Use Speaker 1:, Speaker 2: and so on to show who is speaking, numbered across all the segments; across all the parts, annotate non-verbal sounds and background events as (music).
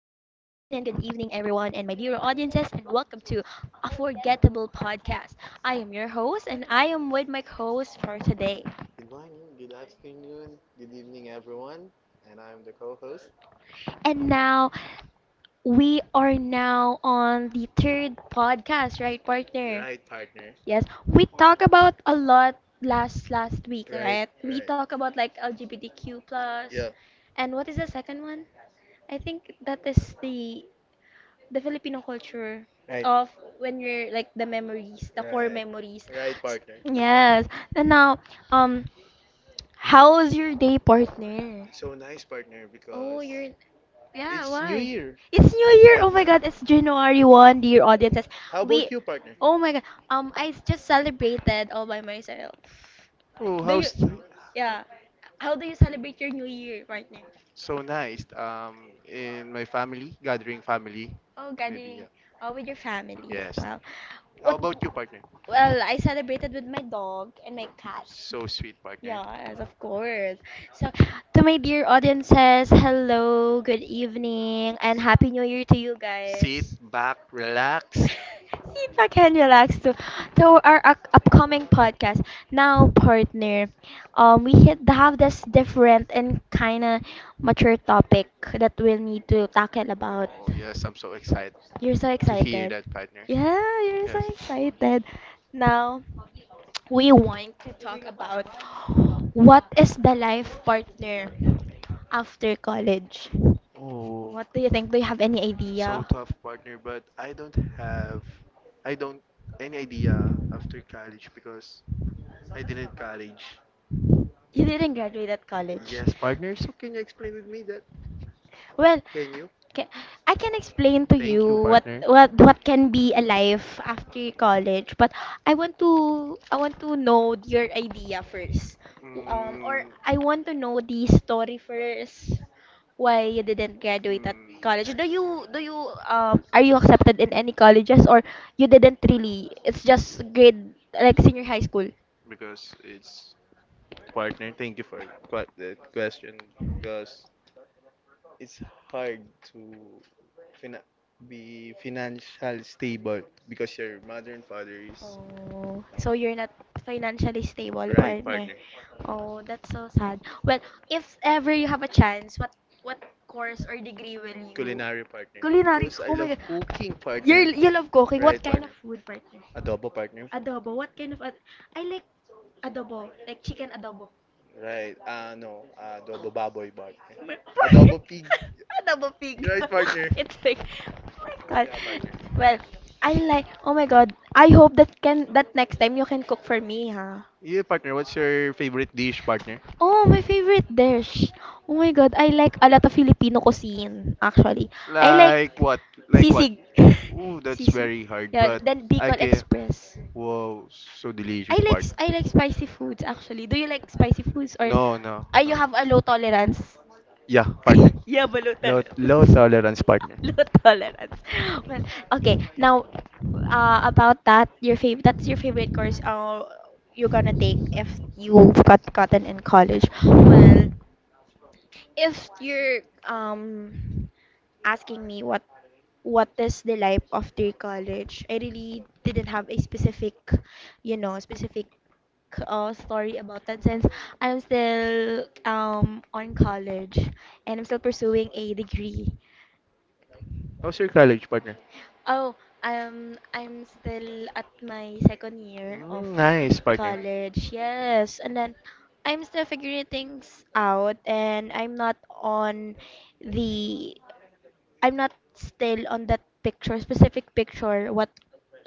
Speaker 1: good evening, everyone, and my dear audiences, and welcome to a forgettable podcast. I am your host, and I am with my co-host for today.
Speaker 2: Good morning, good afternoon, good evening, everyone. And I'm the co host.
Speaker 1: And now we are now on the third podcast, right, partner?
Speaker 2: Right, partner.
Speaker 1: Yes, we talk about a lot last week,
Speaker 2: Right,
Speaker 1: right? We
Speaker 2: right.
Speaker 1: talk about like LGBTQ plus,
Speaker 2: Yeah,
Speaker 1: and what is the second one? I think that is the Filipino culture
Speaker 2: right.
Speaker 1: of when you're like the memories, the core
Speaker 2: Right,
Speaker 1: memories.
Speaker 2: right,
Speaker 1: S-
Speaker 2: partner.
Speaker 1: Yes. And now, um, how was your day, partner?
Speaker 2: It's so nice, partner. Oh,
Speaker 1: Oh,
Speaker 2: because
Speaker 1: you're Yeah.
Speaker 2: it's New wow.
Speaker 1: Why?
Speaker 2: Year
Speaker 1: It's New Year. Oh
Speaker 2: right
Speaker 1: my
Speaker 2: now.
Speaker 1: God! It's January one, dear audiences.
Speaker 2: How about
Speaker 1: We,
Speaker 2: you, partner?
Speaker 1: oh my God. I just celebrated all by myself.
Speaker 2: Oh,
Speaker 1: Do you?
Speaker 2: how's
Speaker 1: Yeah. How do you celebrate your New Year, partner?
Speaker 2: so nice. In my family, gathering family,
Speaker 1: Oh,
Speaker 2: maybe.
Speaker 1: gathering. Oh, with your family.
Speaker 2: Yeah. Yes.
Speaker 1: Well,
Speaker 2: How
Speaker 1: what?
Speaker 2: about you, partner?
Speaker 1: Well, I celebrated with my dog and my cat.
Speaker 2: So sweet, partner.
Speaker 1: Yes, of course. So, to my dear audiences, hello, good evening, and happy new year to you
Speaker 2: Sit
Speaker 1: guys.
Speaker 2: back,
Speaker 1: (laughs)
Speaker 2: relax.
Speaker 1: See if I can relax to upcoming podcast. Now, partner, we have this different and kind of mature topic that we'll need to tackle about.
Speaker 2: Oh, yes, I'm so excited
Speaker 1: You're so
Speaker 2: to hear
Speaker 1: excited.
Speaker 2: that, partner.
Speaker 1: Yeah, you're so
Speaker 2: Yes.
Speaker 1: excited. Now, we want to talk about what is the life partner after college.
Speaker 2: Oh,
Speaker 1: What do you think? Do you have any
Speaker 2: it's so
Speaker 1: idea?
Speaker 2: tough, partner, but I don't have, I don't any idea after college because I didn't college.
Speaker 1: You didn't graduate at college.
Speaker 2: Yes, partner. So can you explain with me that?
Speaker 1: Well,
Speaker 2: Can you?
Speaker 1: ca- I can explain to you
Speaker 2: Thank you,
Speaker 1: what
Speaker 2: partner.
Speaker 1: what can be a life after college, but I want to know your idea first. Or I want to
Speaker 2: Mm,
Speaker 1: know the story first. Why you didn't graduate at
Speaker 2: Mm,
Speaker 1: college? Do you are you accepted in any colleges or you didn't really? It's just grade like senior high school.
Speaker 2: because it's partner. Thank you for the question because it's hard to fina- be financially stable because your mother and father is
Speaker 1: Oh,
Speaker 2: uh,
Speaker 1: so you're not financially stable,
Speaker 2: right
Speaker 1: partner.
Speaker 2: partner.
Speaker 1: Oh, that's so sad. Well, if ever you have a chance, what course or degree will you?
Speaker 2: Culinary partner.
Speaker 1: Culinary.
Speaker 2: Because I
Speaker 1: Oh my
Speaker 2: love
Speaker 1: God.
Speaker 2: cooking partner.
Speaker 1: You love cooking.
Speaker 2: Right
Speaker 1: What kind
Speaker 2: partner.
Speaker 1: of food, partner?
Speaker 2: Adobo partner.
Speaker 1: Adobo. What kind of ad- I like adobo, like chicken adobo. Oh
Speaker 2: Right. Ah, no. Adobo baboy, partner.
Speaker 1: my.
Speaker 2: Adobo
Speaker 1: (laughs)
Speaker 2: pig.
Speaker 1: Adobo pig.
Speaker 2: Right, partner?
Speaker 1: (laughs) It's like, oh my God.
Speaker 2: Yeah, partner.
Speaker 1: Well, I like. Oh my God. I hope that can that next time you can cook for me, huh?
Speaker 2: Yeah, partner, what's your favorite dish, partner?
Speaker 1: Oh, my favorite dish. Oh my God, I like a lot of Filipino cuisine, actually. I like
Speaker 2: Like what? Like what?
Speaker 1: sisig.
Speaker 2: Ooh, that's very
Speaker 1: (laughs)
Speaker 2: hard,
Speaker 1: Yeah,
Speaker 2: but
Speaker 1: then
Speaker 2: I
Speaker 1: Bicol
Speaker 2: can.
Speaker 1: Express.
Speaker 2: Whoa, so delicious, partner.
Speaker 1: I like spicy foods actually. Do you like spicy foods or
Speaker 2: No, no, no.
Speaker 1: you have a low tolerance?
Speaker 2: Yeah, partner.
Speaker 1: (laughs) Yeah, but low
Speaker 2: Low
Speaker 1: tolerance. (laughs)
Speaker 2: tolerance,
Speaker 1: (laughs)
Speaker 2: partner.
Speaker 1: Low tolerance. Well, okay. Now, about that, that's your favorite course you're gonna take if you gotten in college. Well, if you're um asking me what is the life after college, I really didn't have a specific, you know, specific story about that since I'm still on college and I'm still pursuing a degree.
Speaker 2: How's your college, partner?
Speaker 1: Oh, I'm still at my second year of
Speaker 2: Mm, nice, partner.
Speaker 1: college. Yes, and then I'm still figuring things out, and I'm not on the, I'm not still on that picture, specific picture.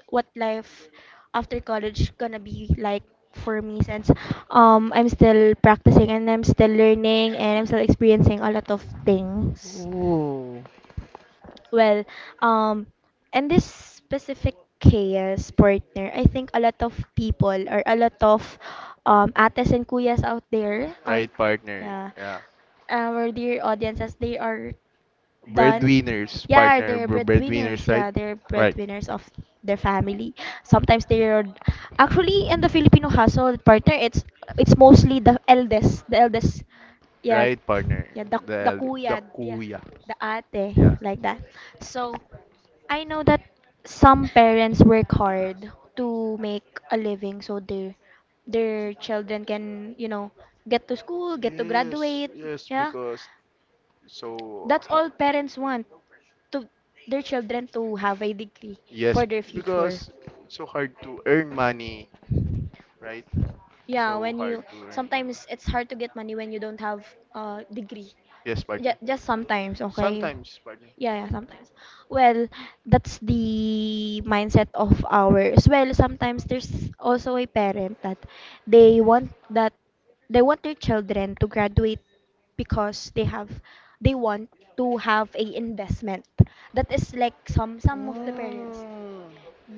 Speaker 1: What life after college gonna be like for me since I'm still practicing and I'm still learning and I'm still experiencing a lot of things.
Speaker 2: Ooh,
Speaker 1: Well, um, in this specific chaos partner, I think a lot of people or a lot of ates and kuyas out there are,
Speaker 2: right, partner.
Speaker 1: yeah,
Speaker 2: Yeah.
Speaker 1: our dear audiences, they are done.
Speaker 2: Breadwinners,
Speaker 1: Yeah,
Speaker 2: partner,
Speaker 1: they're breadwinners.
Speaker 2: breadwinners, right?
Speaker 1: Yeah, they're
Speaker 2: Right.
Speaker 1: breadwinners of their family. Sometimes they're actually in the Filipino household partner. It's mostly the eldest, the eldest. Yeah,
Speaker 2: Right, partner.
Speaker 1: yeah, the
Speaker 2: The
Speaker 1: the
Speaker 2: the
Speaker 1: kuya, yeah,
Speaker 2: kuya.
Speaker 1: the ate
Speaker 2: Yeah.
Speaker 1: like that. So I know that some parents work hard to make a living, so their children can you know get to school, get to
Speaker 2: Yes,
Speaker 1: graduate.
Speaker 2: yes,
Speaker 1: Yeah,
Speaker 2: because it's so
Speaker 1: that's
Speaker 2: ha
Speaker 1: all parents want to their children to have a degree
Speaker 2: yes,
Speaker 1: for their future.
Speaker 2: because it's so hard to earn money, right? It's
Speaker 1: Yeah,
Speaker 2: so
Speaker 1: when
Speaker 2: hard
Speaker 1: you
Speaker 2: to earn money.
Speaker 1: sometimes it's hard to get money when you don't have a degree.
Speaker 2: Yes,
Speaker 1: Yeah,
Speaker 2: partner.
Speaker 1: just sometimes, okay?
Speaker 2: Sometimes, partner.
Speaker 1: Yeah, yeah, sometimes. Well, that's the mindset of ours. Well, sometimes there's also a parent that they want that they want their children to graduate because they want to have a investment. That is like some of the parents.
Speaker 2: Mm.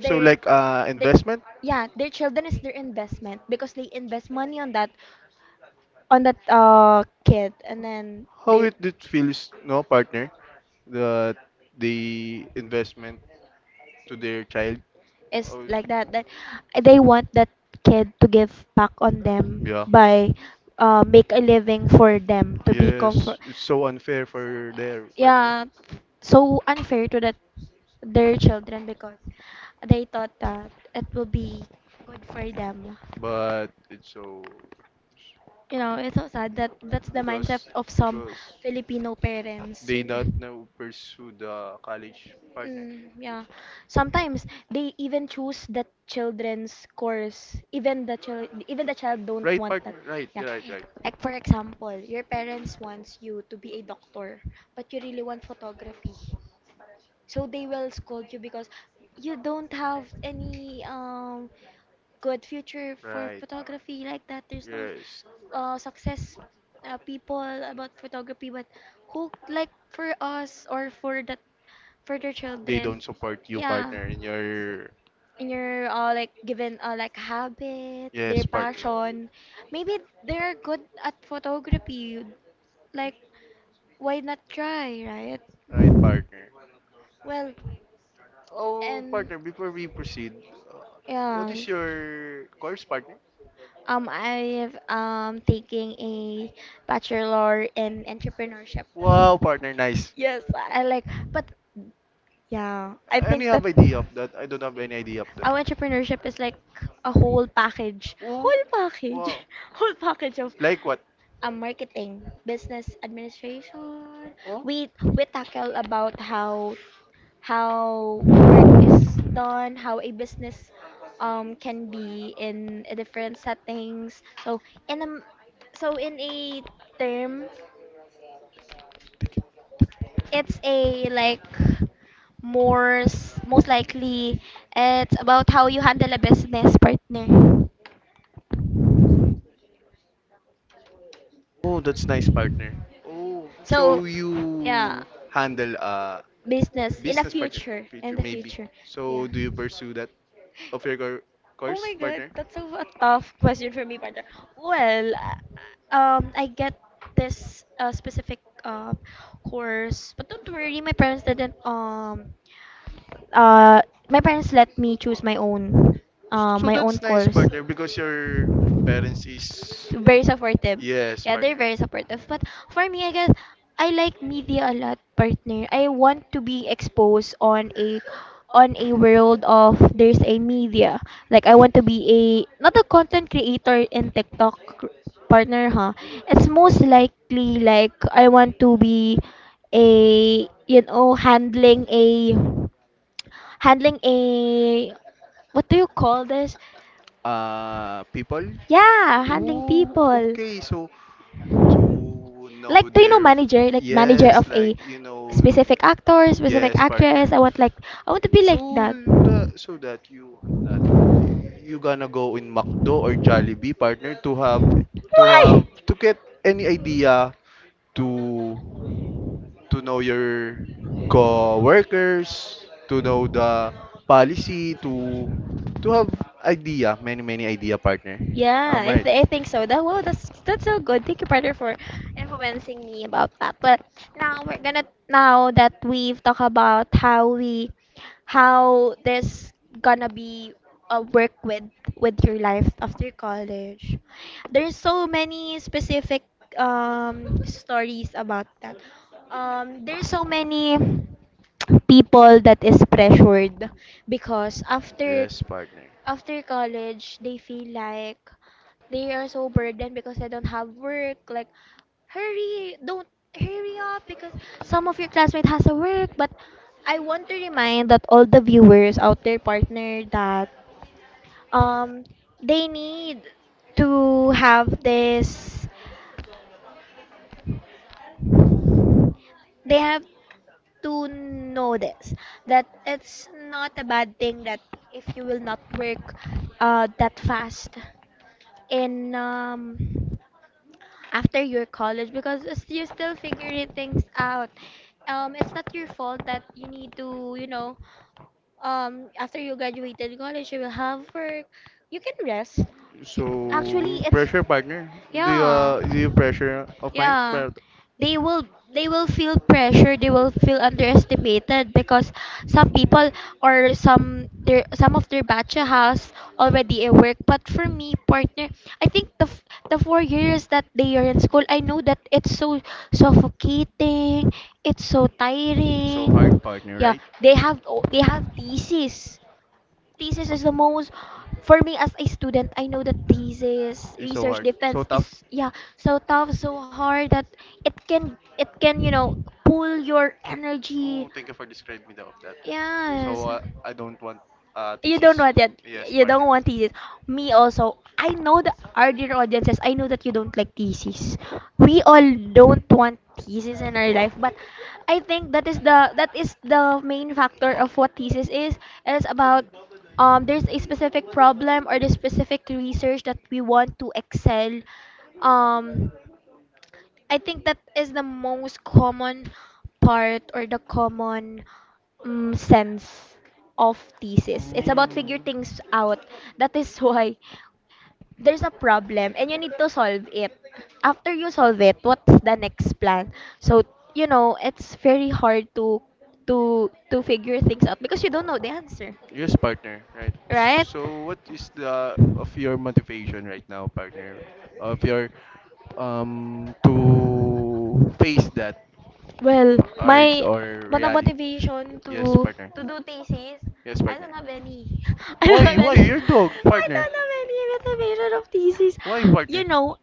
Speaker 2: So like
Speaker 1: they
Speaker 2: investment,
Speaker 1: Yeah, their children is their investment because they invest money on that kid and then
Speaker 2: how
Speaker 1: they
Speaker 2: it did feels, no, partner? The the investment to their child.
Speaker 1: is
Speaker 2: Oh.
Speaker 1: like that they want that kid to give back on them
Speaker 2: Yeah.
Speaker 1: by make a living for them to be comfort
Speaker 2: Yes, it's so unfair for there,
Speaker 1: yeah so unfair to that their children because they thought that it will be good for them.
Speaker 2: but it's so
Speaker 1: You know, it's so sad that that's the mindset
Speaker 2: because
Speaker 1: of some
Speaker 2: because
Speaker 1: Filipino parents.
Speaker 2: they not
Speaker 1: Really.
Speaker 2: now pursue the college partner.
Speaker 1: Mm, yeah. Sometimes they even choose the children's course. Even the child don't
Speaker 2: Right
Speaker 1: want
Speaker 2: partner,
Speaker 1: that.
Speaker 2: right,
Speaker 1: Yeah.
Speaker 2: right, right,
Speaker 1: Like for example, your parents wants you to be a doctor, but you really want photography. So they will scold you because you don't have any good future for
Speaker 2: right.
Speaker 1: photography like that. There's no
Speaker 2: Yes,
Speaker 1: success people about photography, but who like for us or for that for their
Speaker 2: they
Speaker 1: children?
Speaker 2: don't support you
Speaker 1: Yeah,
Speaker 2: partner in your
Speaker 1: in your like given like habit, their
Speaker 2: yes partner,
Speaker 1: passion. Maybe they're good at photography. Like why not try, right?
Speaker 2: right partner.
Speaker 1: Well,
Speaker 2: Oh
Speaker 1: and
Speaker 2: partner, before we proceed, uh, what
Speaker 1: yeah,
Speaker 2: is your course partner?
Speaker 1: I've taking a bachelor in entrepreneurship.
Speaker 2: Wow partner, nice.
Speaker 1: Yes, I like, but yeah, I
Speaker 2: Any
Speaker 1: think that
Speaker 2: have idea of that? I don't have any idea of that.
Speaker 1: our entrepreneurship is like a
Speaker 2: Oh,
Speaker 1: whole package,
Speaker 2: wow.
Speaker 1: (laughs) whole package of
Speaker 2: Like what?
Speaker 1: marketing, business administration.
Speaker 2: Oh,
Speaker 1: We we tackle about how work done, how a business can be in a different settings. In a m- so in a term, it's a like most likely it's about how you handle a business partner.
Speaker 2: oh, that's nice partner. Oh,
Speaker 1: So
Speaker 2: so
Speaker 1: yeah,
Speaker 2: you handle a
Speaker 1: business
Speaker 2: business partner
Speaker 1: in
Speaker 2: future
Speaker 1: the
Speaker 2: maybe.
Speaker 1: future,
Speaker 2: So
Speaker 1: yeah.
Speaker 2: do you pursue that of your
Speaker 1: Oh
Speaker 2: course
Speaker 1: my God,
Speaker 2: partner?
Speaker 1: that's a tough question for me, partner. Well, I get this specific course, but don't worry, my parents didn't uh my parents let me choose
Speaker 2: So
Speaker 1: my own
Speaker 2: that's nice
Speaker 1: course
Speaker 2: partner because your parents is
Speaker 1: very supportive.
Speaker 2: yes
Speaker 1: Yeah, they're
Speaker 2: partner.
Speaker 1: very supportive. But for me, I guess I like media a lot, partner. I want to be exposed on a
Speaker 2: (laughs)
Speaker 1: world of there's a media. Like I want to be a not a content creator in TikTok partner, huh? It's most likely like I want to be a you know handling a what do you call this?
Speaker 2: People.
Speaker 1: Yeah, handling
Speaker 2: Oh,
Speaker 1: people.
Speaker 2: okay. So to know
Speaker 1: Like, do you know
Speaker 2: their
Speaker 1: manager? Like manager
Speaker 2: yes,
Speaker 1: of a
Speaker 2: like you know,
Speaker 1: specific actor, specific
Speaker 2: yes, partner.
Speaker 1: actress. I want to be
Speaker 2: So
Speaker 1: like that.
Speaker 2: the so that you gonna go in McDo or Jollibee, partner, to have to have
Speaker 1: Why?
Speaker 2: to get any idea to to know your co-workers, to know the policy, to have idea, many idea, partner.
Speaker 1: Yeah,
Speaker 2: I'm right.
Speaker 1: I think so. That well, that's so good. Thank you, brother, for influencing me about that. But now that we've talked about how this gonna be a work with your life after college. There's so many specific stories about that. There's so many people that is pressured because
Speaker 2: Yes, partner.
Speaker 1: after college they feel like they are so burdened because they don't have work. Like, hurry, don't hurry up because some of your classmate has a work. But I want to remind that all the viewers out there, partner, that um they need to have this. They have to know this that it's not a bad thing that if you will not work that fast in after your college because as you're still figuring things out it's not your fault that you need to you know after you graduated college you will have work you can rest
Speaker 2: So
Speaker 1: actually it's
Speaker 2: pressure, partner.
Speaker 1: yeah.
Speaker 2: Do you pressure of mine?
Speaker 1: Yeah.
Speaker 2: But
Speaker 1: They will they will feel pressure, they will feel underestimated because some people or some of their batch has already a work. But for me, partner, I think the 4 years that they are in school, I know that it's so suffocating, it's so
Speaker 2: it's so
Speaker 1: tiring.
Speaker 2: hard, partner,
Speaker 1: Yeah,
Speaker 2: right?
Speaker 1: they have thesis. Thesis is the most for me as a student. I know that thesis
Speaker 2: It's so
Speaker 1: research
Speaker 2: hard, so
Speaker 1: defense
Speaker 2: tough.
Speaker 1: is yeah so tough so hard that it can you know pull your
Speaker 2: Oh,
Speaker 1: energy
Speaker 2: thank you for describing me the- of that. So
Speaker 1: yes.
Speaker 2: I don't want
Speaker 1: You
Speaker 2: TC.
Speaker 1: don't want that.
Speaker 2: Yes,
Speaker 1: You
Speaker 2: partner.
Speaker 1: don't want thesis. Me also. I know the our dear audiences. I know that you don't like thesis. We all don't want thesis in our life, but I think that is the main factor of what thesis is. It's about there's a specific problem or the specific research that we want to excel um I think that is the most common part or the common sense of thesis. It's about figure things out. That is why there's a problem and you need to solve it. After you solve it, what's the next plan? So, you know, it's very hard to figure things out because you don't know the answer,
Speaker 2: Yes, partner, right?
Speaker 1: right?
Speaker 2: So what is the of your motivation right now, partner? Of your to face that
Speaker 1: Well,
Speaker 2: hard
Speaker 1: my
Speaker 2: or
Speaker 1: But the
Speaker 2: reality?
Speaker 1: motivation
Speaker 2: Yes,
Speaker 1: to
Speaker 2: partner.
Speaker 1: do thesis,
Speaker 2: Yes,
Speaker 1: I don't
Speaker 2: partner.
Speaker 1: have any. (laughs) I don't
Speaker 2: Why?
Speaker 1: have
Speaker 2: Why
Speaker 1: any.
Speaker 2: your dog,
Speaker 1: (laughs) I
Speaker 2: partner?
Speaker 1: don't have any motivation of thesis.
Speaker 2: Why,
Speaker 1: You
Speaker 2: partner?
Speaker 1: know,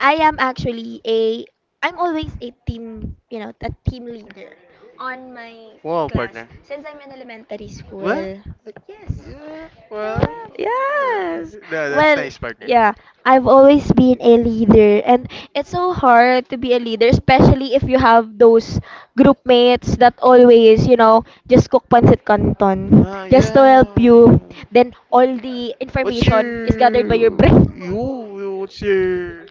Speaker 1: I am actually a I'm always a team, a team leader on my
Speaker 2: Wow,
Speaker 1: class
Speaker 2: partner.
Speaker 1: since I'm in elementary
Speaker 2: Well,
Speaker 1: school. Yes.
Speaker 2: yeah, well,
Speaker 1: Yeah,
Speaker 2: uh,
Speaker 1: yes.
Speaker 2: no, that's
Speaker 1: Well,
Speaker 2: nice, partner.
Speaker 1: yeah, I've always been a leader, and it's so hard to be a leader, especially if you have those group mates that always, just cook pancit canton
Speaker 2: Nah,
Speaker 1: just to
Speaker 2: yeah.
Speaker 1: help you. Then all the
Speaker 2: What's
Speaker 1: information is gathered
Speaker 2: your
Speaker 1: by your brain.
Speaker 2: you? What's your?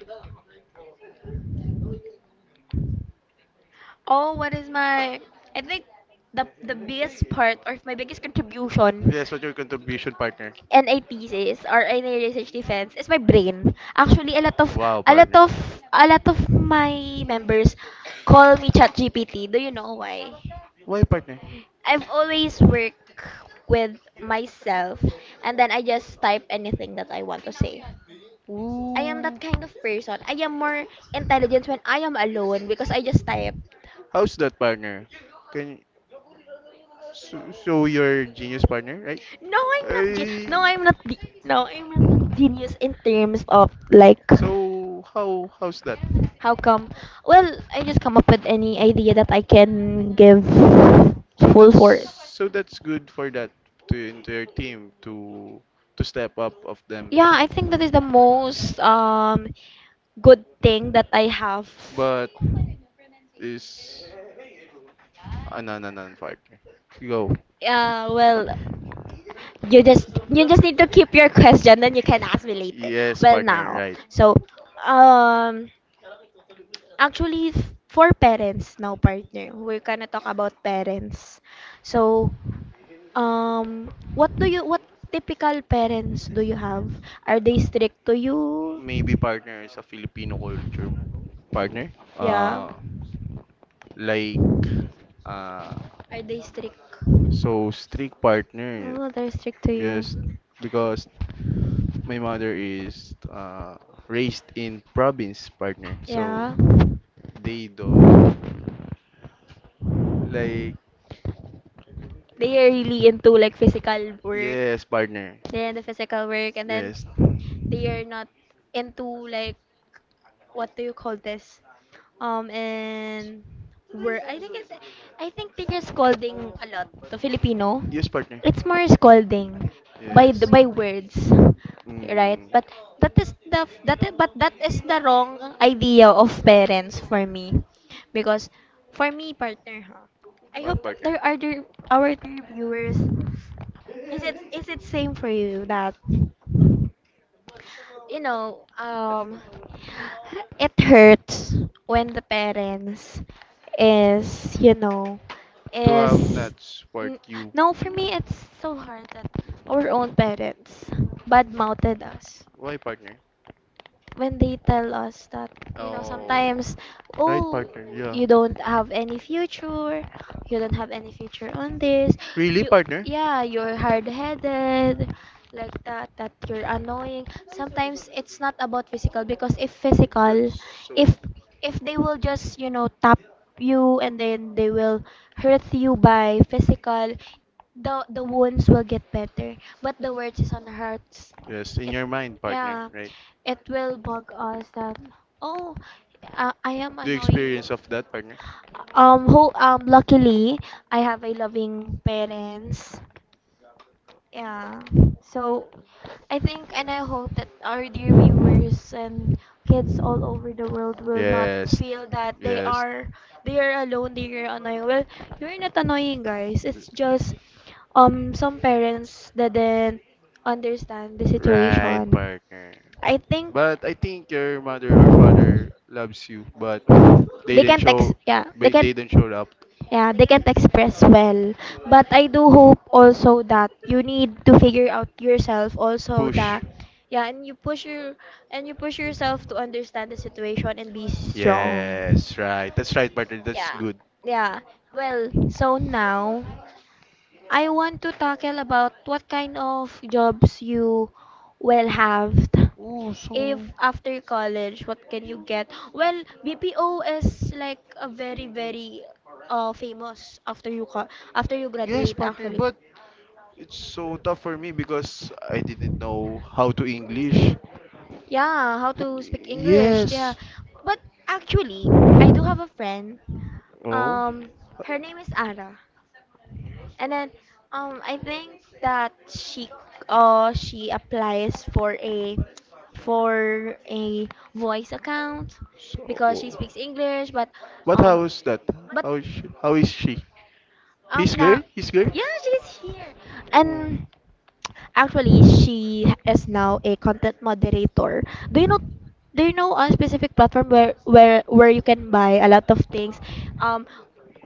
Speaker 1: Oh, what is my? I think the biggest part or my biggest contribution
Speaker 2: Yes, what's your contribution, partner?
Speaker 1: in a thesis or in a research defense is my brain. Actually,
Speaker 2: Wow,
Speaker 1: a lot
Speaker 2: partner.
Speaker 1: of a lot of my members call me ChatGPT. Do you know why?
Speaker 2: Why, partner?
Speaker 1: I've always worked with myself, and then I just type anything that I want to say. I am that
Speaker 2: Ooh.
Speaker 1: kind of person. I am more intelligent when I am alone because I just type.
Speaker 2: How's that, partner? Can you? So, so your genius partner, right?
Speaker 1: No, I'm not.
Speaker 2: Ay,
Speaker 1: No, I'm not. No, I'm not that genius in terms of like
Speaker 2: so how's that?
Speaker 1: how come. Well, I just come up with any idea that I can give full force.
Speaker 2: So that's good for that to into your team to step up of them.
Speaker 1: Yeah, I think that is the most good thing that I have.
Speaker 2: But is ah no no no partner. Go.
Speaker 1: Well, you just need to keep your question, then you can ask me later.
Speaker 2: Yes,
Speaker 1: Well,
Speaker 2: partner,
Speaker 1: now,
Speaker 2: right.
Speaker 1: so um, actually, for parents now, partner, we're gonna talk about parents. So, what do you, what typical parents do you have? Are they strict to you?
Speaker 2: Maybe partner is a Filipino culture. Partner?
Speaker 1: Yeah.
Speaker 2: Like
Speaker 1: Are they strict?
Speaker 2: so strict partner.
Speaker 1: Oh, they're strict to
Speaker 2: Yes,
Speaker 1: you.
Speaker 2: because my mother is raised in province, partner. So
Speaker 1: Yeah.
Speaker 2: they do like
Speaker 1: They are really into like physical work.
Speaker 2: yes, partner.
Speaker 1: They're into physical work, and then
Speaker 2: Yes,
Speaker 1: they are not into like what do you call this? And where I think it's I think they are scolding a lot to Filipino.
Speaker 2: yes, partner.
Speaker 1: It's more scolding by the,
Speaker 2: Yes.
Speaker 1: by words, right?
Speaker 2: Mm,
Speaker 1: But that is the f- that is, but that is the wrong idea of parents for me, because for me partner, huh? I
Speaker 2: what
Speaker 1: hope
Speaker 2: partner?
Speaker 1: there are there, our dear viewers. Is it same for you that you know, um, it hurts when the parents is,
Speaker 2: To have
Speaker 1: is
Speaker 2: not support
Speaker 1: n-
Speaker 2: you.
Speaker 1: no, for me it's so hard that our own parents bad mouthed us
Speaker 2: Why partner?
Speaker 1: when they tell us that, you know,
Speaker 2: Oh,
Speaker 1: sometimes,
Speaker 2: right,
Speaker 1: oh,
Speaker 2: partner. Yeah.
Speaker 1: you don't have any future, you don't have any future on this,
Speaker 2: Really,
Speaker 1: you,
Speaker 2: partner?
Speaker 1: yeah, you're hard-headed, like that, that you're annoying sometimes. It's not about physical, because if physical,
Speaker 2: So,
Speaker 1: if if they will just, tap you and then they will hurt you by physical, the wounds will get better, but the words is on the hearts.
Speaker 2: yes, in your mind, partner,
Speaker 1: Yeah,
Speaker 2: right?
Speaker 1: it will bug us that, oh, I am
Speaker 2: The
Speaker 1: annoying.
Speaker 2: experience of that partner.
Speaker 1: Luckily, I have a loving parents. Yeah. So, I think and I hope that our dear viewers and kids all over the world will not
Speaker 2: Yes.
Speaker 1: feel that
Speaker 2: Yes.
Speaker 1: they are alone, they are annoying. Well, you're not annoying, guys.
Speaker 2: B-
Speaker 1: It's just some parents didn't understand the
Speaker 2: Right,
Speaker 1: situation.
Speaker 2: partner.
Speaker 1: I think
Speaker 2: But I think your mother or father loves you, but they
Speaker 1: they
Speaker 2: didn't
Speaker 1: can't ex
Speaker 2: show,
Speaker 1: yeah, they
Speaker 2: but
Speaker 1: can't,
Speaker 2: they didn't show up.
Speaker 1: yeah, they can't express well, but I do hope also that you need to figure out yourself also,
Speaker 2: Push.
Speaker 1: that yeah, and you push yourself to understand the situation and be strong.
Speaker 2: Yes, right. That's right, partner. That's
Speaker 1: Yeah.
Speaker 2: good.
Speaker 1: Yeah. Well, so now I want to tackle about what kind of jobs you will have
Speaker 2: Oh, so
Speaker 1: if after college, what can you get? Well, BPO is like a very, very famous after you after you
Speaker 2: yes,
Speaker 1: graduate
Speaker 2: partner,
Speaker 1: actually.
Speaker 2: but it's so tough for me because I didn't know how to English.
Speaker 1: Yeah, how to speak English. Yeah.
Speaker 2: Yes.
Speaker 1: But actually, I do have a friend.
Speaker 2: Oh.
Speaker 1: Um Her name is Ara. And then I think that she applies for a for a voice account
Speaker 2: So.
Speaker 1: because she
Speaker 2: Oh.
Speaker 1: speaks English but
Speaker 2: But
Speaker 1: um
Speaker 2: how is that?
Speaker 1: but
Speaker 2: How is she? How is she? His
Speaker 1: Now,
Speaker 2: girl? His girl?
Speaker 1: yeah, she's here.
Speaker 2: Oh.
Speaker 1: And actually, she is now a content moderator. Do you know? Do you know a specific platform where you can buy a lot of things? Um,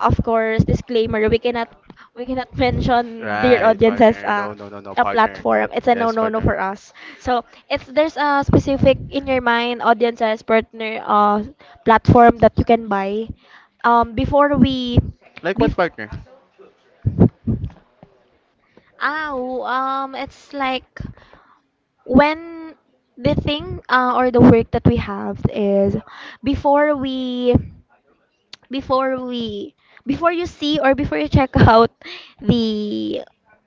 Speaker 1: of course, disclaimer: we cannot mention dear
Speaker 2: Right,
Speaker 1: audiences.
Speaker 2: partner. No, no, no, no,
Speaker 1: A
Speaker 2: partner.
Speaker 1: platform, it's a no
Speaker 2: Yes,
Speaker 1: no no
Speaker 2: partner.
Speaker 1: for us.
Speaker 2: So
Speaker 1: So it's there's a specific in your mind audiences partner, platform that you can buy, um before we
Speaker 2: like what
Speaker 1: bef-
Speaker 2: partner?
Speaker 1: oh, it's like when the thing, or the work that we have is before we before we before you see or before you check (laughs) out the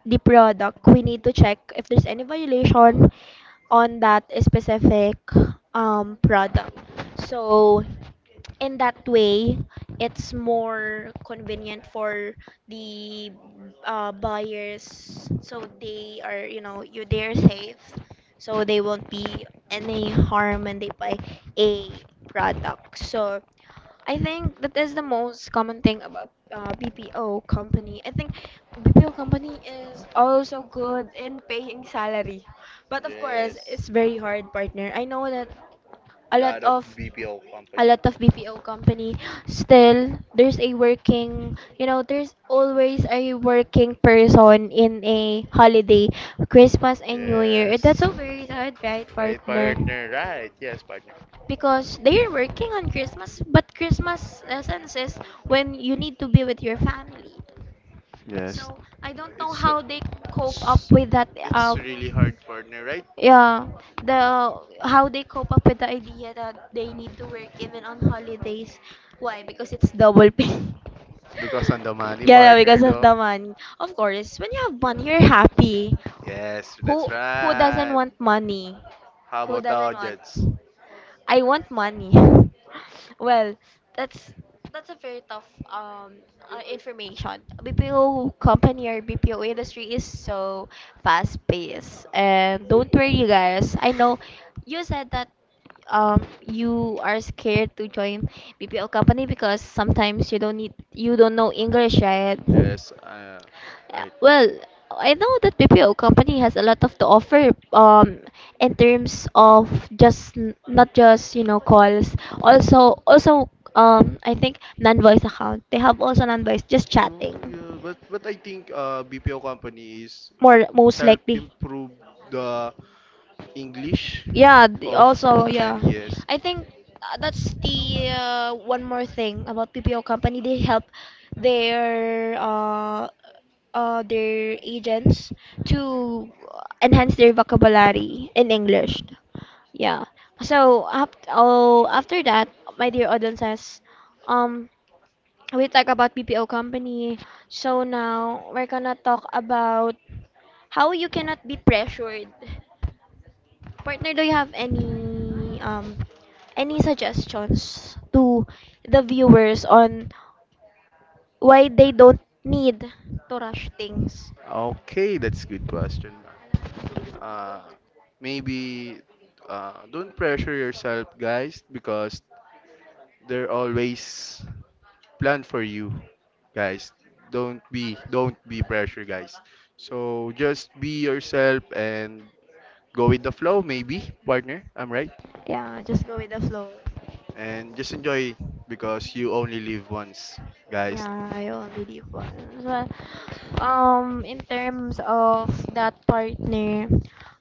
Speaker 1: the product, we need to check if there's any violation on that specific product. So in that way it's more convenient for the buyers, so they are, you know you they're safe, so they won't be any harm when they buy a product. So I think that is the most common thing about BPO company. I think BPO company is also good in paying salary, but of course
Speaker 2: Yes,
Speaker 1: it's very hard, partner. I know that a lot
Speaker 2: lot
Speaker 1: of
Speaker 2: of BPO
Speaker 1: a
Speaker 2: company.
Speaker 1: lot of BPO company, still there's a working, you know, there's always a working person in a holiday, Christmas and New Year. That's
Speaker 2: Yes,
Speaker 1: so very sad, right
Speaker 2: right, right,
Speaker 1: partner?
Speaker 2: partner. Right, yes, partner.
Speaker 1: Because they're working on Christmas, but Christmas essence is when you need to be with your family. So
Speaker 2: Yes. So
Speaker 1: I don't know
Speaker 2: it's
Speaker 1: how they cope up with that.
Speaker 2: it's, it's really hard, partner. Right?
Speaker 1: Yeah, the how they cope up with the idea that they need to work even on holidays. Why? Because it's double pay.
Speaker 2: Because on the
Speaker 1: (laughs)
Speaker 2: money, yeah,
Speaker 1: Yeah, because
Speaker 2: partner,
Speaker 1: of
Speaker 2: though.
Speaker 1: the money. Of course, when you have money, you're happy.
Speaker 2: Yes, no,
Speaker 1: Who
Speaker 2: that's
Speaker 1: who doesn't
Speaker 2: right.
Speaker 1: want money?
Speaker 2: How
Speaker 1: Who
Speaker 2: about
Speaker 1: doesn't
Speaker 2: our
Speaker 1: want?
Speaker 2: Jets?
Speaker 1: I want money. (laughs) Well, that's that's a very tough information. BPO company or BPO industry is so fast paced. And don't worry, you guys. I know you said that you are scared to join BPO company because sometimes you don't know English, right?
Speaker 2: Yes, right.
Speaker 1: Well, I know that BPO company has a lot of to offer in terms of just n- not just, calls. Also I think non-voice account. They have also non-voice just
Speaker 2: No,
Speaker 1: chatting.
Speaker 2: yeah, but I think BPO company is
Speaker 1: More most
Speaker 2: help
Speaker 1: likely.
Speaker 2: improve the English
Speaker 1: Yeah,
Speaker 2: of
Speaker 1: also, yeah.
Speaker 2: many yes.
Speaker 1: I think, that's the, one more thing about PPO company. They help their uh, their agents to enhance their vocabulary in English. Yeah. So up, oh, after that, my dear audience says, um, we talk about PPO company. So now we're gonna talk about how you cannot be pressured. Partner, do you have any suggestions to the viewers on why they don't need to rush things?
Speaker 2: Okay, that's good question. Uh, maybe don't pressure yourself, guys, because there always plan for you, guys. Don't be pressure, guys. So just be yourself and go with the flow, maybe, partner. I'm right.
Speaker 1: Yeah, just go with the flow.
Speaker 2: And just enjoy because you only live once, guys.
Speaker 1: Yeah, I already won. So, in terms of that partner,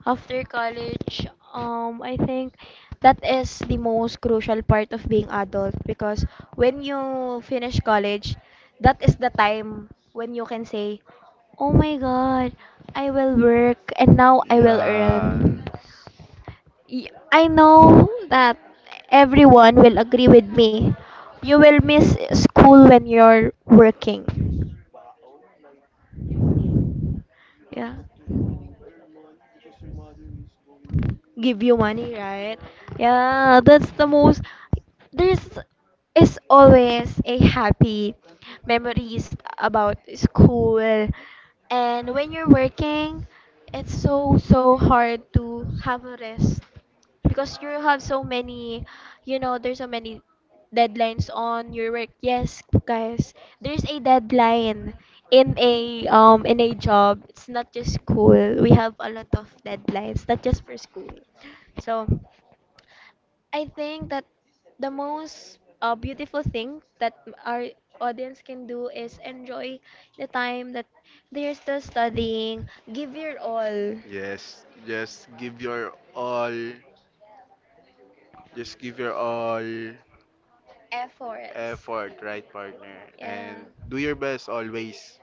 Speaker 1: after college, I think that is the most crucial part of being adult, because when you finish college, that is the time when you can say, "Oh my God, I will work and now I will
Speaker 2: Yeah.
Speaker 1: earn." I know that everyone will agree with me. You will miss school when you're working. Yeah. Give you money, right? Yeah, that's the most there's is always a happy memories about school, and when you're working it's so so hard to have a rest because you have so many, you know, there's so many deadlines on your work. Yes, guys, there's a deadline in a job. It's not just school. We have a lot of deadlines, not just for school. So, I think that the most, beautiful thing that our audience can do is enjoy the time that they're still studying. Give your all
Speaker 2: Yes. Just give your all. Just give your all
Speaker 1: efforts.
Speaker 2: effort, right, partner? And
Speaker 1: Yeah.
Speaker 2: do your best always.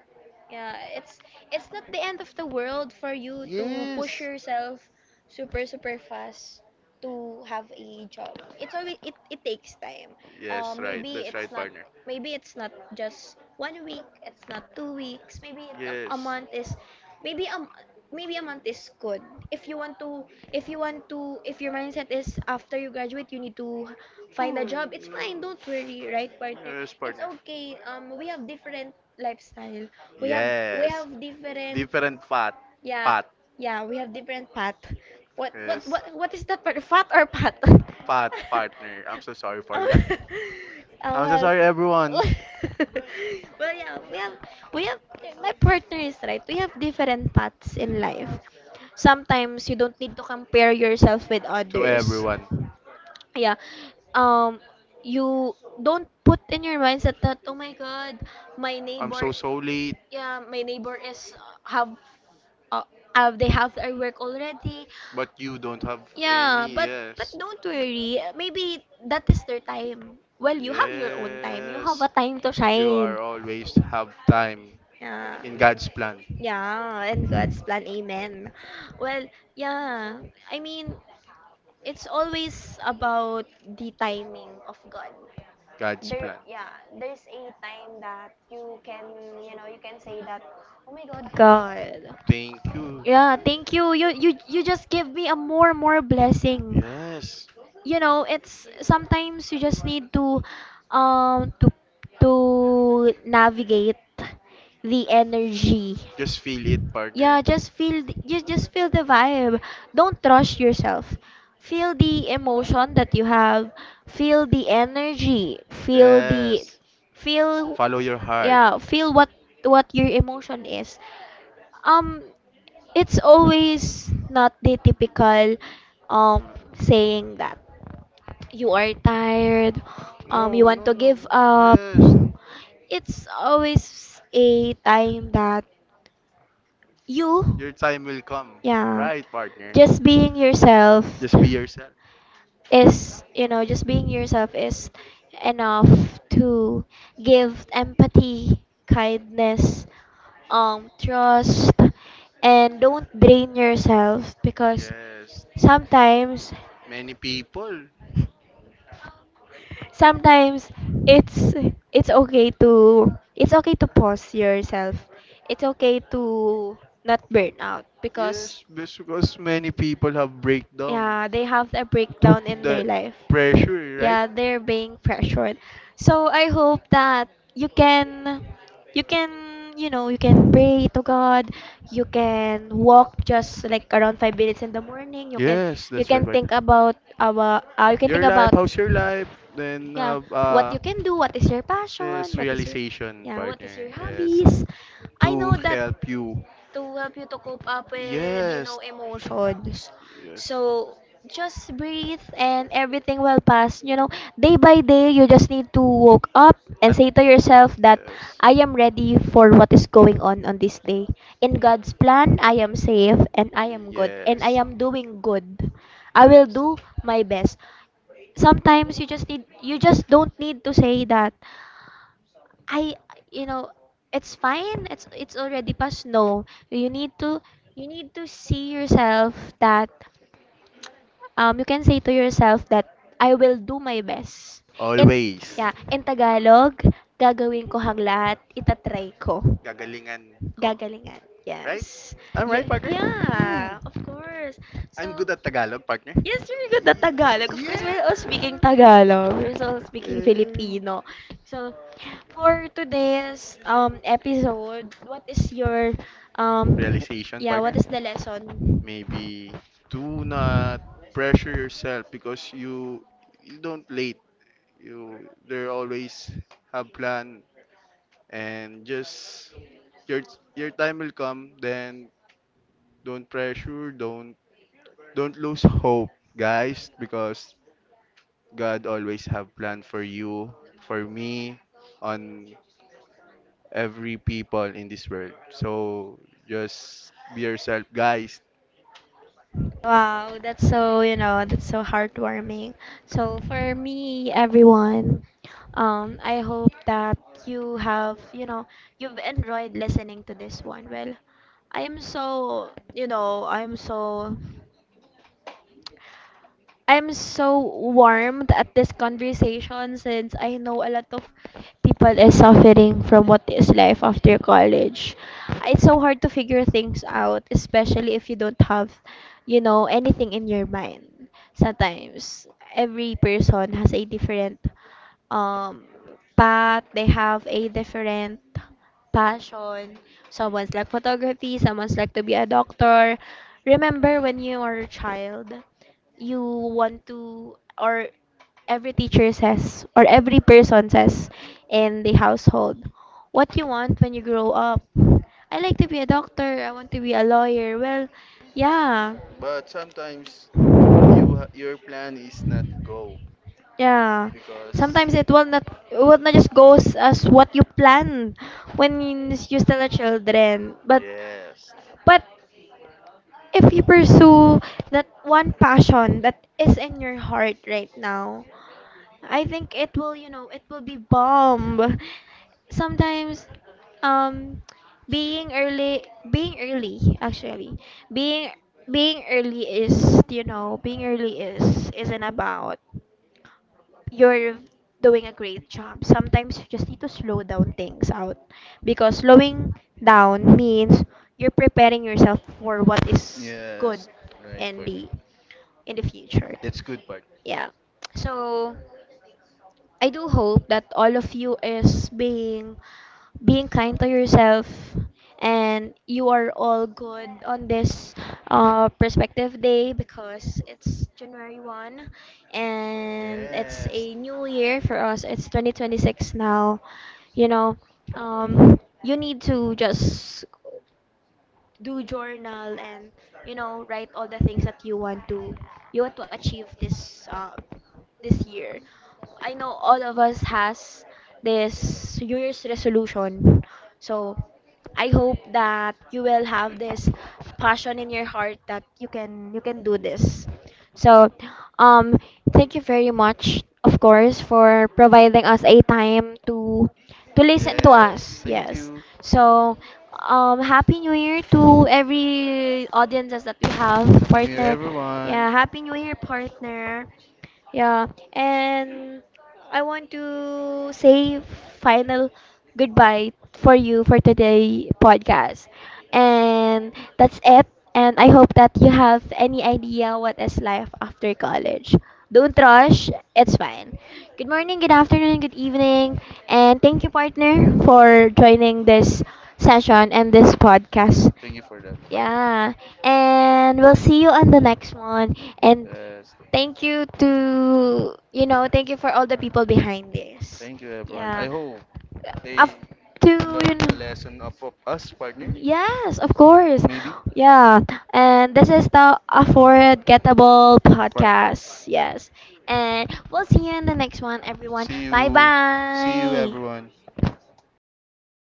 Speaker 1: Yeah, it's not the end of the world for you to push
Speaker 2: Yes.
Speaker 1: yourself super super fast to have a job. It's always it takes time.
Speaker 2: Yes, right.
Speaker 1: Maybe
Speaker 2: That's
Speaker 1: it's
Speaker 2: right,
Speaker 1: not,
Speaker 2: partner.
Speaker 1: just 1 week. It's not 2 weeks. A
Speaker 2: Yes.
Speaker 1: month is, maybe um maybe a month is good. If you want to, if your mindset is after you graduate you need to find a job. It's fine. Don't worry, right partner?
Speaker 2: Yes,
Speaker 1: It's
Speaker 2: partner.
Speaker 1: okay. We have different lifestyle, we have we
Speaker 2: Yes.
Speaker 1: have different,
Speaker 2: Different path.
Speaker 1: yeah,
Speaker 2: Path.
Speaker 1: yeah, we have different path. What
Speaker 2: Yes.
Speaker 1: what is that part? Fat or path?
Speaker 2: Path, partner. I'm so sorry
Speaker 1: (laughs)
Speaker 2: for
Speaker 1: Oh,
Speaker 2: that.
Speaker 1: (laughs) oh
Speaker 2: I'm so
Speaker 1: well.
Speaker 2: sorry, everyone.
Speaker 1: (laughs) Well, yeah, we have my partner is right. We have different paths in life. Sometimes you don't need to compare yourself with
Speaker 2: To
Speaker 1: others.
Speaker 2: everyone.
Speaker 1: Yeah. Um, you don't put in your mindset that, oh my god, my
Speaker 2: I'm
Speaker 1: neighbor,
Speaker 2: so so late,
Speaker 1: yeah, my neighbor is, have uh, they have their work already.
Speaker 2: but you don't have
Speaker 1: Yeah,
Speaker 2: any.
Speaker 1: but
Speaker 2: Yes.
Speaker 1: don't worry. Maybe that is their time. Well, you have your own time. You have
Speaker 2: Yes.
Speaker 1: a time to
Speaker 2: You are
Speaker 1: shine.
Speaker 2: always have time
Speaker 1: Yeah.
Speaker 2: in God's plan.
Speaker 1: Yeah, and God's plan. Amen. Well, yeah. I mean, it's always about the timing of God.
Speaker 2: God's
Speaker 1: There
Speaker 2: plan.
Speaker 1: yeah, there's a time that you can, you know, you can say that, "Oh my God, God,
Speaker 2: Thank you.
Speaker 1: yeah, thank you. You just give me a more more blessing."
Speaker 2: Yes.
Speaker 1: You know, it's sometimes you just need to um to to navigate the energy.
Speaker 2: Just feel it, partner.
Speaker 1: Yeah, just feel you just feel the vibe. Don't rush yourself. Feel the emotion that you have. Feel the energy. Feel the
Speaker 2: Yes.
Speaker 1: feel
Speaker 2: Follow your heart.
Speaker 1: Yeah, feel what your emotion is. Um it's always not the typical um saying that you are tired, you
Speaker 2: No,
Speaker 1: want to
Speaker 2: no, no.
Speaker 1: give up.
Speaker 2: Yes.
Speaker 1: It's always a time that you
Speaker 2: Your time will come.
Speaker 1: yeah,
Speaker 2: Right, partner.
Speaker 1: just being yourself
Speaker 2: Just be yourself.
Speaker 1: is just being yourself is enough to give empathy, kindness, trust, and don't drain yourself because
Speaker 2: Yes.
Speaker 1: sometimes
Speaker 2: Many people.
Speaker 1: sometimes it's it's okay to, it's okay to pause yourself, it's okay to not burn out because
Speaker 2: Yes, because many people have breakdown
Speaker 1: yeah, they have a
Speaker 2: to
Speaker 1: breakdown in their
Speaker 2: the
Speaker 1: life.
Speaker 2: pressure, right?
Speaker 1: Yeah, they're being pressured. So I hope that you can you can, you can pray to God. You can walk just like around 5 minutes in the morning. You can,
Speaker 2: Yes,
Speaker 1: you
Speaker 2: that's right,
Speaker 1: can
Speaker 2: partner.
Speaker 1: think about you can think
Speaker 2: Your life,
Speaker 1: about,
Speaker 2: how's your life? Then
Speaker 1: yeah,
Speaker 2: have
Speaker 1: what you can do. What is your passion?
Speaker 2: yes
Speaker 1: What is your,
Speaker 2: realization,
Speaker 1: yeah, what
Speaker 2: partner.
Speaker 1: is your
Speaker 2: Yes,
Speaker 1: hobbies? I
Speaker 2: to
Speaker 1: know that
Speaker 2: help you.
Speaker 1: to help you to cope up with, you
Speaker 2: Yes,
Speaker 1: know, emotions.
Speaker 2: yes,
Speaker 1: So just breathe and everything will pass. You know, day by day, you just need to wake up and say to yourself that
Speaker 2: yes,
Speaker 1: I am ready for what is going on this day. In God's plan, I am safe and I am good and
Speaker 2: yes.
Speaker 1: I am doing good. I will do my best. Sometimes you just don't need to say that I you know it's fine, it's already past. No, you need to, you need to see yourself that you can say to yourself that I will do my best in,
Speaker 2: Always.
Speaker 1: yeah, in Tagalog, gagawin ko ang lahat, itatry ko,
Speaker 2: Gagalingan ko.
Speaker 1: gagalingan,
Speaker 2: Right?
Speaker 1: yes.
Speaker 2: I'm right, partner? You.
Speaker 1: Yeah, of course.
Speaker 2: I'm
Speaker 1: So
Speaker 2: good at Tagalog, partner. Y-
Speaker 1: yes, we're good at Tagalog. Of course, we're
Speaker 2: Yeah.
Speaker 1: all speaking Tagalog. We're all speaking
Speaker 2: Eh,
Speaker 1: Filipino. So, for today's episode, what is your um
Speaker 2: realization,
Speaker 1: yeah, what
Speaker 2: partner.
Speaker 1: is the lesson?
Speaker 2: Maybe do not pressure yourself because you don't late. You there always have plan and just your your time will come. Then don't pressure. Don't lose hope, guys, because God always have plan for you, for me, on every people in this world. So just be yourself, guys.
Speaker 1: Wow, that's so, you know, that's so heartwarming. So, for me, everyone, I hope that you have, you know, you've enjoyed listening to this one. Well, I am so, I'm so warmed at this conversation since I know a lot of people is suffering from what is life after college. It's so hard to figure things out, especially if you don't have, you know, anything in your mind. Sometimes every person has a different um path, they have a different passion. Someone's like photography, someone's like to be a doctor. Remember when you were a child? You want to, or every teacher says or every person says in the household what you want when you grow up. I like to be a doctor, I want to be a lawyer. Well, yeah,
Speaker 2: But sometimes your plan is not go
Speaker 1: yeah,
Speaker 2: because
Speaker 1: sometimes it will not just goes as what you planned when you're still a children,
Speaker 2: yes,
Speaker 1: but if you pursue that one passion that is in your heart right now, I think it will, you know, it will be bomb. Sometimes, um, being early, being early actually, being being early is, you know, being early is isn't about you're doing a great job. Sometimes you just need to slow down things out because slowing down means you're preparing yourself for what is good
Speaker 2: yes, right
Speaker 1: in
Speaker 2: partner.
Speaker 1: the, in the future.
Speaker 2: That's good part.
Speaker 1: Yeah. So I do hope that all of you is being kind to yourself and you are all good on this perspective day because it's January 1 and it's
Speaker 2: Yes,
Speaker 1: a new year for us. It's 2026 now. You know, you need to just do journal and you know write all the things that you want to achieve this this year. I know all of us has this new year's resolution, so I hope that you will have this passion in your heart that you can do this. So um thank you very much, of course, for providing us a time to listen to
Speaker 2: yes.
Speaker 1: us.
Speaker 2: Thank
Speaker 1: Yes,
Speaker 2: you.
Speaker 1: so, Happy New Year to every audiences that we have,
Speaker 2: Happy New Year,
Speaker 1: partner.
Speaker 2: everyone.
Speaker 1: Yeah, Happy New Year, partner. Yeah, and I want to say final goodbye for you for today podcast. And that's it. And I hope that you have any idea what is life after college. Don't rush, it's fine. Good morning, good afternoon, good evening, and thank you, partner, for joining this
Speaker 2: Thank,
Speaker 1: session and this podcast.
Speaker 2: thank you for that partner.
Speaker 1: Yeah, and we'll see you on the next one. And
Speaker 2: Yes.
Speaker 1: thank you to, thank you for all the people behind this.
Speaker 2: Thank you, everyone. I
Speaker 1: Yeah.
Speaker 2: hope they
Speaker 1: Af- to
Speaker 2: learn
Speaker 1: you
Speaker 2: a
Speaker 1: know
Speaker 2: lesson of us, partner.
Speaker 1: Yes, of course.
Speaker 2: Maybe.
Speaker 1: Yeah. And this is the Affordable
Speaker 2: Part us.
Speaker 1: Podcast. Yes. And we'll see you in the next one, everyone.
Speaker 2: See
Speaker 1: Bye
Speaker 2: you. See you,
Speaker 1: bye.
Speaker 2: everyone.